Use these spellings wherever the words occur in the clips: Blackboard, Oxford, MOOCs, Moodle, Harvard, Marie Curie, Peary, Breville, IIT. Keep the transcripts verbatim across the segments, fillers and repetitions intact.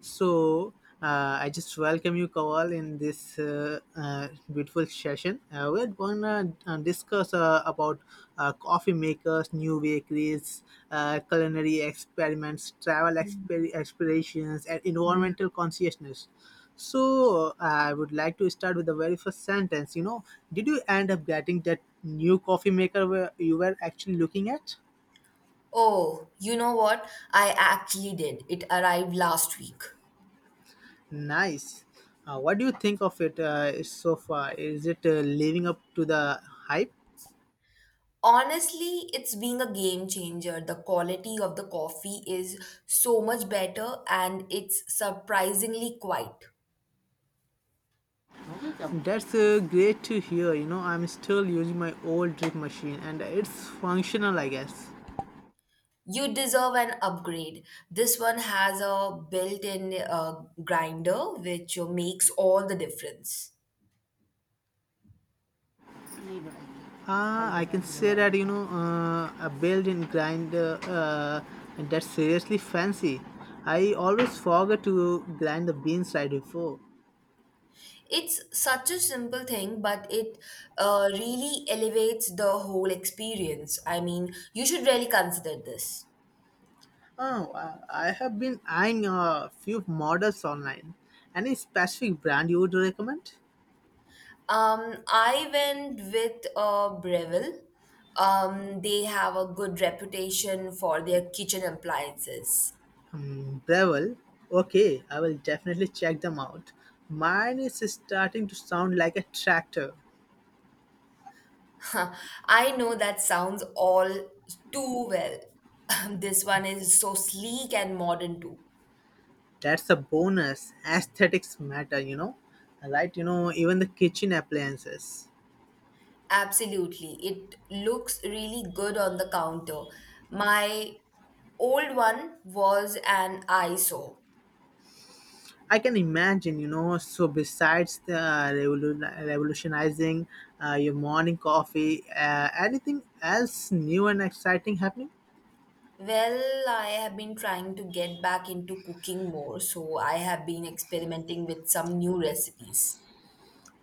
So uh, I just welcome you, Kawal, in this uh, uh, beautiful session. Uh, we're going to uh, discuss uh, about uh, coffee makers, new bakeries, uh, culinary experiments, travel exper- explorations, and environmental consciousness. So I would like to start with the very first sentence. You know, Did you end up getting that new coffee maker where you were actually looking at? Oh, you know what? I actually did. It arrived last week. Nice. Uh, what do you think of it uh, so far? Is it uh, living up to the hype? Honestly, it's being a game changer. The quality of the coffee is so much better and it's surprisingly quiet. That's uh, great to hear. You know, I'm still using my old drip machine and it's functional, I guess. You deserve an upgrade. This one has a built in uh, grinder which uh, makes all the difference. Uh, I can say that, you know, uh, a built in grinder uh, and that's seriously fancy. I always forget to grind the beans right before. It's such a simple thing, but it uh, really elevates the whole experience. I mean, you should really consider this. Oh, uh, I have been eyeing a few models online. Any specific brand you would recommend? Um, I went with uh, Breville. Um, they have a good reputation for their kitchen appliances. Breville. Okay, I will definitely check them out. Mine is starting to sound like a tractor. I know that sounds all too well. This one is so sleek and modern too. That's a bonus. Aesthetics matter, you know. Right, you know, even the kitchen appliances. Absolutely. It looks really good on the counter. My old one was an eyesore. I can imagine, you know. So besides the uh, revolu- revolutionizing uh, your morning coffee, uh, anything else new and exciting happening? Well, I have been trying to get back into cooking more, so I have been experimenting with some new recipes.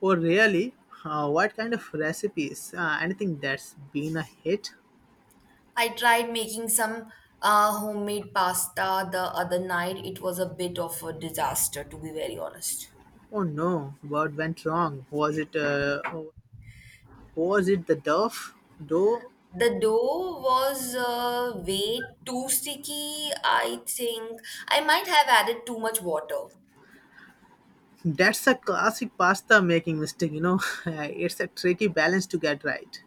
Or really, uh, what kind of recipes? Uh, anything that's been a hit? I tried making some uh, homemade pasta the other night. It was a bit of a disaster, to be very honest. Oh no, what went wrong? Was it uh, was it the dough? Dough? The dough was uh, way too sticky. I think I might have added too much water. That's a classic pasta making mistake, you know. It's a tricky balance to get right.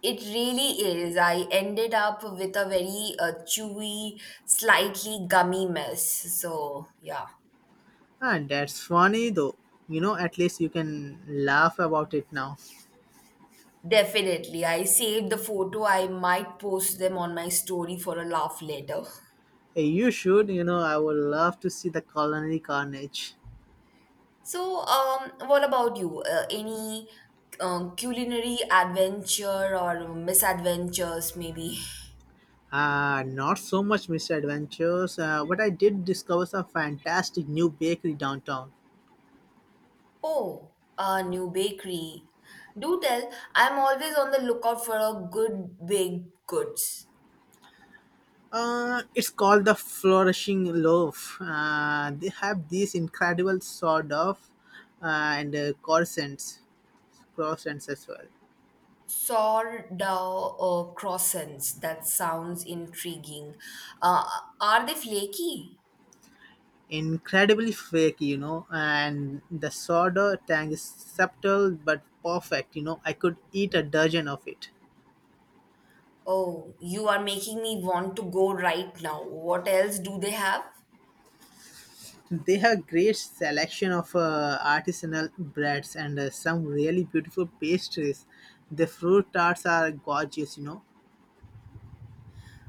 It really is. I ended up with a very uh, chewy, slightly gummy mess. So, yeah. And that's funny though. You know, at least you can laugh about it now. Definitely. I saved the photo. I might post them on my story for a laugh later. Hey, you should, you know, I would love to see the culinary carnage. So, um, what about you? Uh, any um, culinary adventure or misadventures, maybe? Uh, not so much misadventures, uh, but I did discover some fantastic new bakery downtown. Oh, a new bakery. Do tell, I'm always on the lookout for a good baked goods. Uh, it's called the Flourishing Loaf. Uh, they have these incredible sort of uh, and uh, croissants, croissants as well. Sourdough or croissants. That sounds intriguing. Uh, are they flaky? Incredibly fake, you know, and the soda tang is subtle but perfect. You know, I could eat a dozen of it. Oh, you are making me want to go right now. What else do they have? They have great selection of uh, artisanal breads and uh, some really beautiful pastries. The fruit tarts are gorgeous, you know.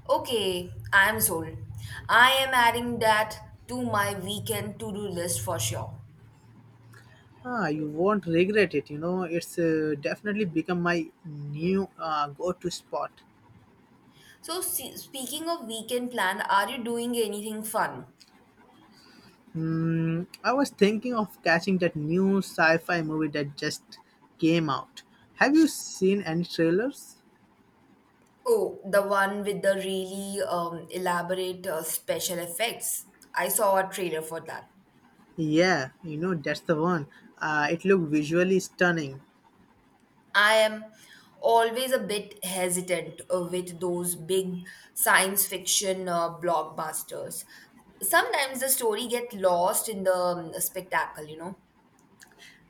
Okay, I'm sold. I am adding that to my weekend to do list for sure. Ah, you won't regret it. You know, it's uh, definitely become my new uh, go-to spot. So, se- speaking of weekend plan, are you doing anything fun? Mm, I was thinking of catching that new sci-fi movie that just came out. Have you seen any trailers? Oh, the one with the really um, elaborate uh, special effects. I saw a trailer for that. Yeah, you know that's the one. Uh, it looked visually stunning. I am always a bit hesitant uh, with those big science fiction uh, blockbusters. Sometimes the story get lost in the um, spectacle, you know.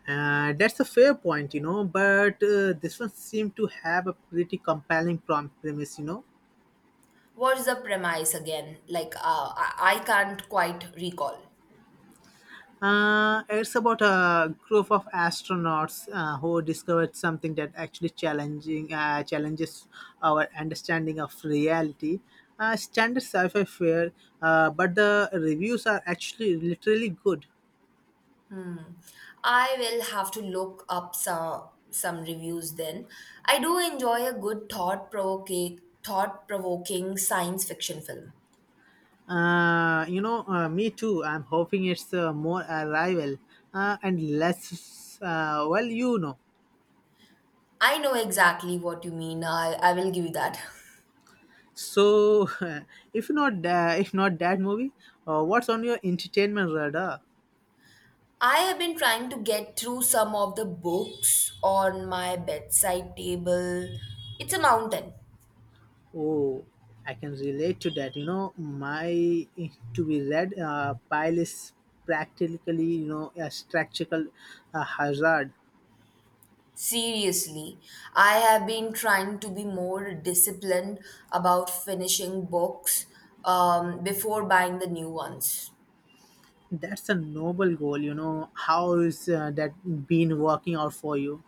Uh, that's a fair point, you know. But uh, this one seemed to have a pretty compelling prom- premise, you know. What's the premise again? Like, uh, I I can't quite recall. Uh, it's about a group of astronauts uh, who discovered something that actually challenging uh, challenges our understanding of reality. Uh, standard sci-fi fare, uh, but the reviews are actually literally good. Hmm. I will have to look up some some reviews then. I do enjoy a good thought provoking thought provoking science fiction film. Uh, you know, uh, me too. I'm hoping it's uh, more arrival uh, and less. Uh, well, you know. I know exactly what you mean. I, I will give you that. So, if not, uh, if not that movie, uh, what's on your entertainment radar? I have been trying to get through some of the books on my bedside table. It's a mountain. Oh, I can relate to that. You know, my to be read uh, pile is practically you know a structural uh, hazard. Seriously, I have been trying to be more disciplined about finishing books um, before buying the new ones. That's a noble goal. You know, how is uh, that been working out for you?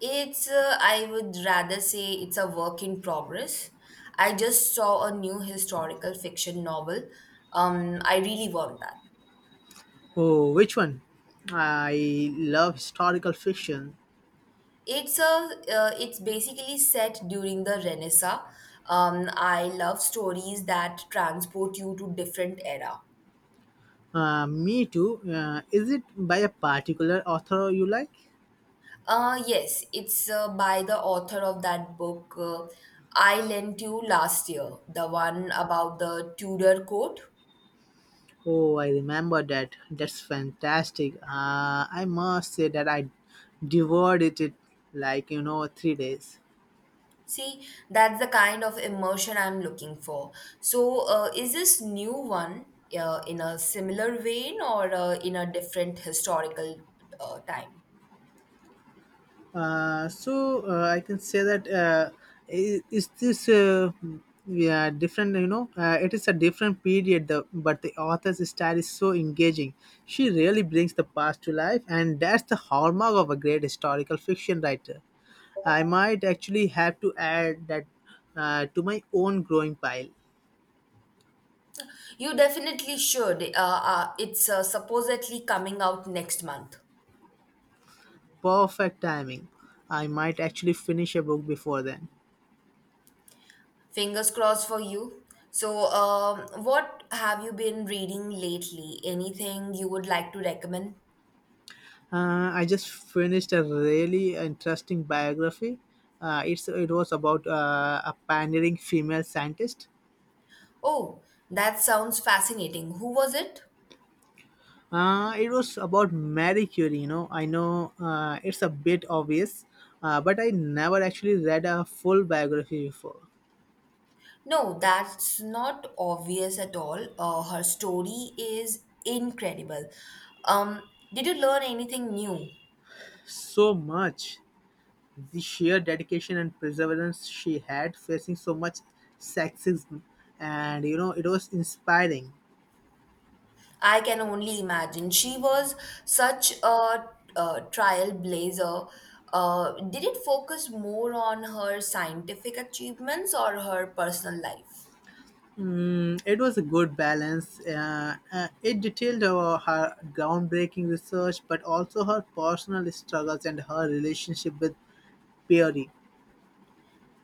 It's, uh, I would rather say, it's a work in progress. I just saw a new historical fiction novel. Um, I really want that. Oh, which one? I love historical fiction. It's a uh, it's basically set during the Renaissance. Um, I love stories that transport you to different era. Uh, me too. Uh, is it by a particular author you like? Uh, yes, it's uh, by the author of that book uh, I lent you last year, the one about the Tudor court. Oh, I remember that. That's fantastic. Uh, I must say that I devoured it, it like you know three days. See, that's the kind of immersion I'm looking for. So, uh, is this new one uh, in a similar vein or uh, in a different historical uh, time? Uh, so uh, I can say that uh, I- is this uh, yeah different? You know, uh, it is a different period. The, but the author's style is so engaging. She really brings the past to life, and that's the hallmark of a great historical fiction writer. I might actually have to add that uh, to my own growing pile. You definitely should. Uh, uh, it's uh, supposedly coming out next month. Perfect timing. I might actually finish a book before then. Fingers crossed for you. So, um, what have you been reading lately? Anything you would like to recommend? Uh, I just finished a really interesting biography. Uh, it's it was about uh, a pioneering female scientist. Oh, that sounds fascinating. Who was it? Uh, it was about Marie Curie. You know, I know uh, it's a bit obvious, uh, but I never actually read a full biography before. No, that's not obvious at all. Uh, her story is incredible. Um, did you learn anything new? So much the sheer dedication and perseverance she had facing so much sexism, and you know it was inspiring. I can only imagine. She was such a, uh trailblazer. Uh, did it focus more on her scientific achievements or her personal life? Mm, it was a good balance. Uh, uh, it detailed uh, her groundbreaking research, but also her personal struggles and her relationship with Peary.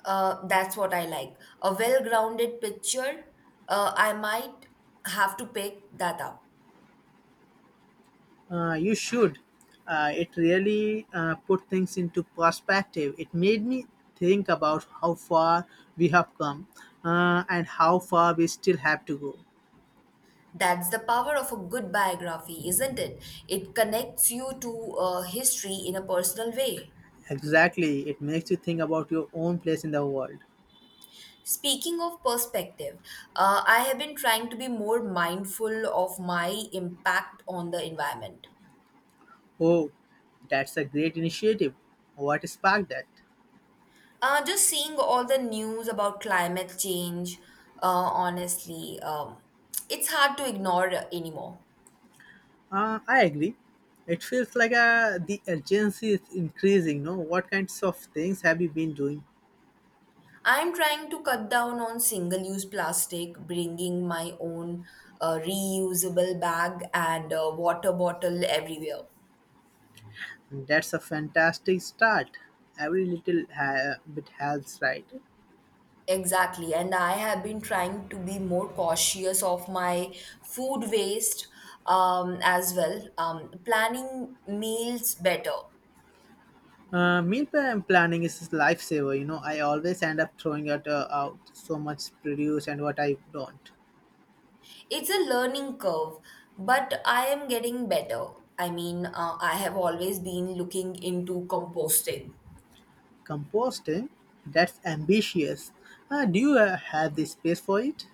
Uh, that's what I like. A well grounded picture. Uh, I might have to pick that up. Uh, you should. Uh, it really uh, put things into perspective. It made me think about how far we have come uh, and how far we still have to go. That's the power of a good biography, isn't it? It connects you to uh, history in a personal way. Exactly. It makes you think about your own place in the world. Speaking of perspective, uh, I have been trying to be more mindful of my impact on the environment. Oh, that's a great initiative. What sparked that? Uh, just seeing all the news about climate change, uh, honestly, um, it's hard to ignore anymore. Uh, I agree. It feels like uh, the urgency is increasing. No, what kinds of things have you been doing? I'm trying to cut down on single use plastic, bringing my own uh, reusable bag and uh, water bottle everywhere. That's a fantastic start. Every little ha- bit helps, right? Exactly. And I have been trying to be more cautious of my food waste um, as well, um, planning meals better. Uh, meal plan- planning is a lifesaver. You know, I always end up throwing out, uh, out so much produce and what I don't. It's a learning curve, but I am getting better. I mean, uh, I have always been looking into composting. Composting, that's ambitious. Uh, do you uh, have the space for it?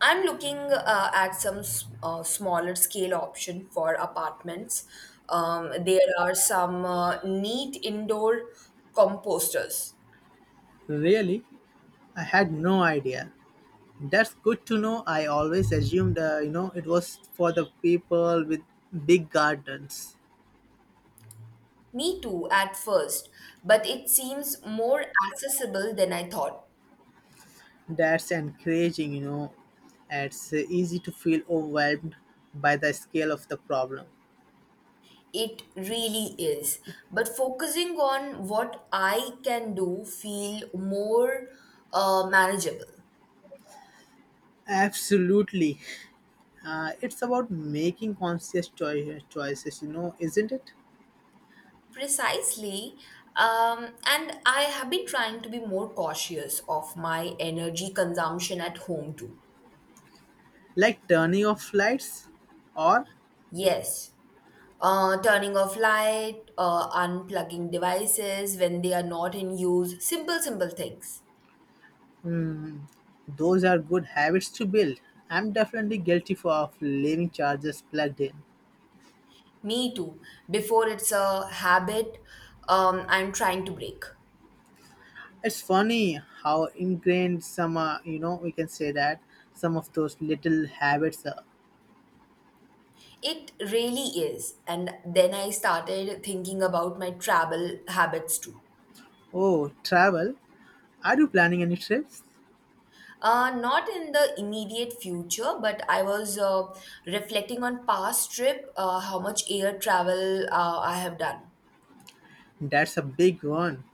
I'm looking uh, at some s- uh, smaller scale option for apartments. Um, there are some uh, neat indoor composters. Really? I had no idea. That's good to know. I always assumed, uh, you know, it was for the people with big gardens. Me too, at first, but it seems more accessible than I thought. That's encouraging, you know. It's uh, easy to feel overwhelmed by the scale of the problem. It really is. But focusing on what I can do feel more uh, manageable. Absolutely. Uh, it's about making conscious choi- choices, you know, isn't it? Precisely. Um, and I have been trying to be more cautious of my energy consumption at home too. Like turning off lights, or Yes. Uh, turning off light, uh, unplugging devices when they are not in use, simple, simple things. those are good habits to build. I'm definitely guilty for of leaving chargers plugged in. Me too. Before it's a habit um, I'm trying to break. It's funny how ingrained some, uh, you know, we can say that some of those little habits are. It really is. And then I started thinking about my travel habits too. Oh, travel. Are you planning any trips? Uh, not in the immediate future, but I was uh, reflecting on past trip, uh, how much air travel uh, I have done. That's a big one.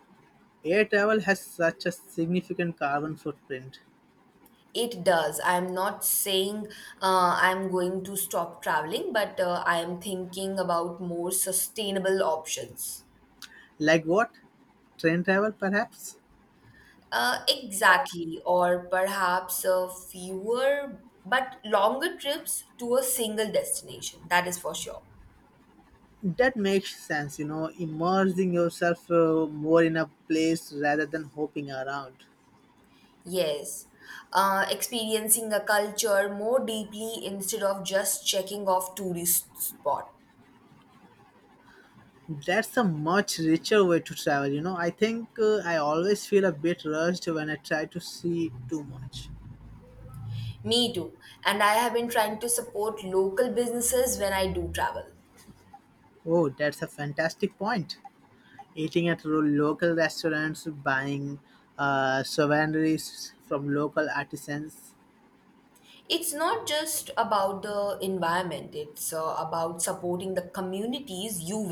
Air travel has such a significant carbon footprint. It does. I'm not saying uh, I'm going to stop traveling, but uh, I'm thinking about more sustainable options. Like what? Train travel, perhaps? Uh, exactly, or perhaps uh, fewer but longer trips to a single destination, that is for sure. That makes sense, you know, immersing yourself uh, more in a place rather than hopping around. Yes, uh, experiencing a culture more deeply instead of just checking off tourist spot. That's a much richer way to travel, you know. I think uh, I always feel a bit rushed when I try to see too much. Me too, and I have been trying to support local businesses when I do travel. Oh, that's a fantastic point. Eating at ro- local restaurants, buying uh, souvenirs from local artisans, It's not just about the environment, it's uh, about supporting the communities you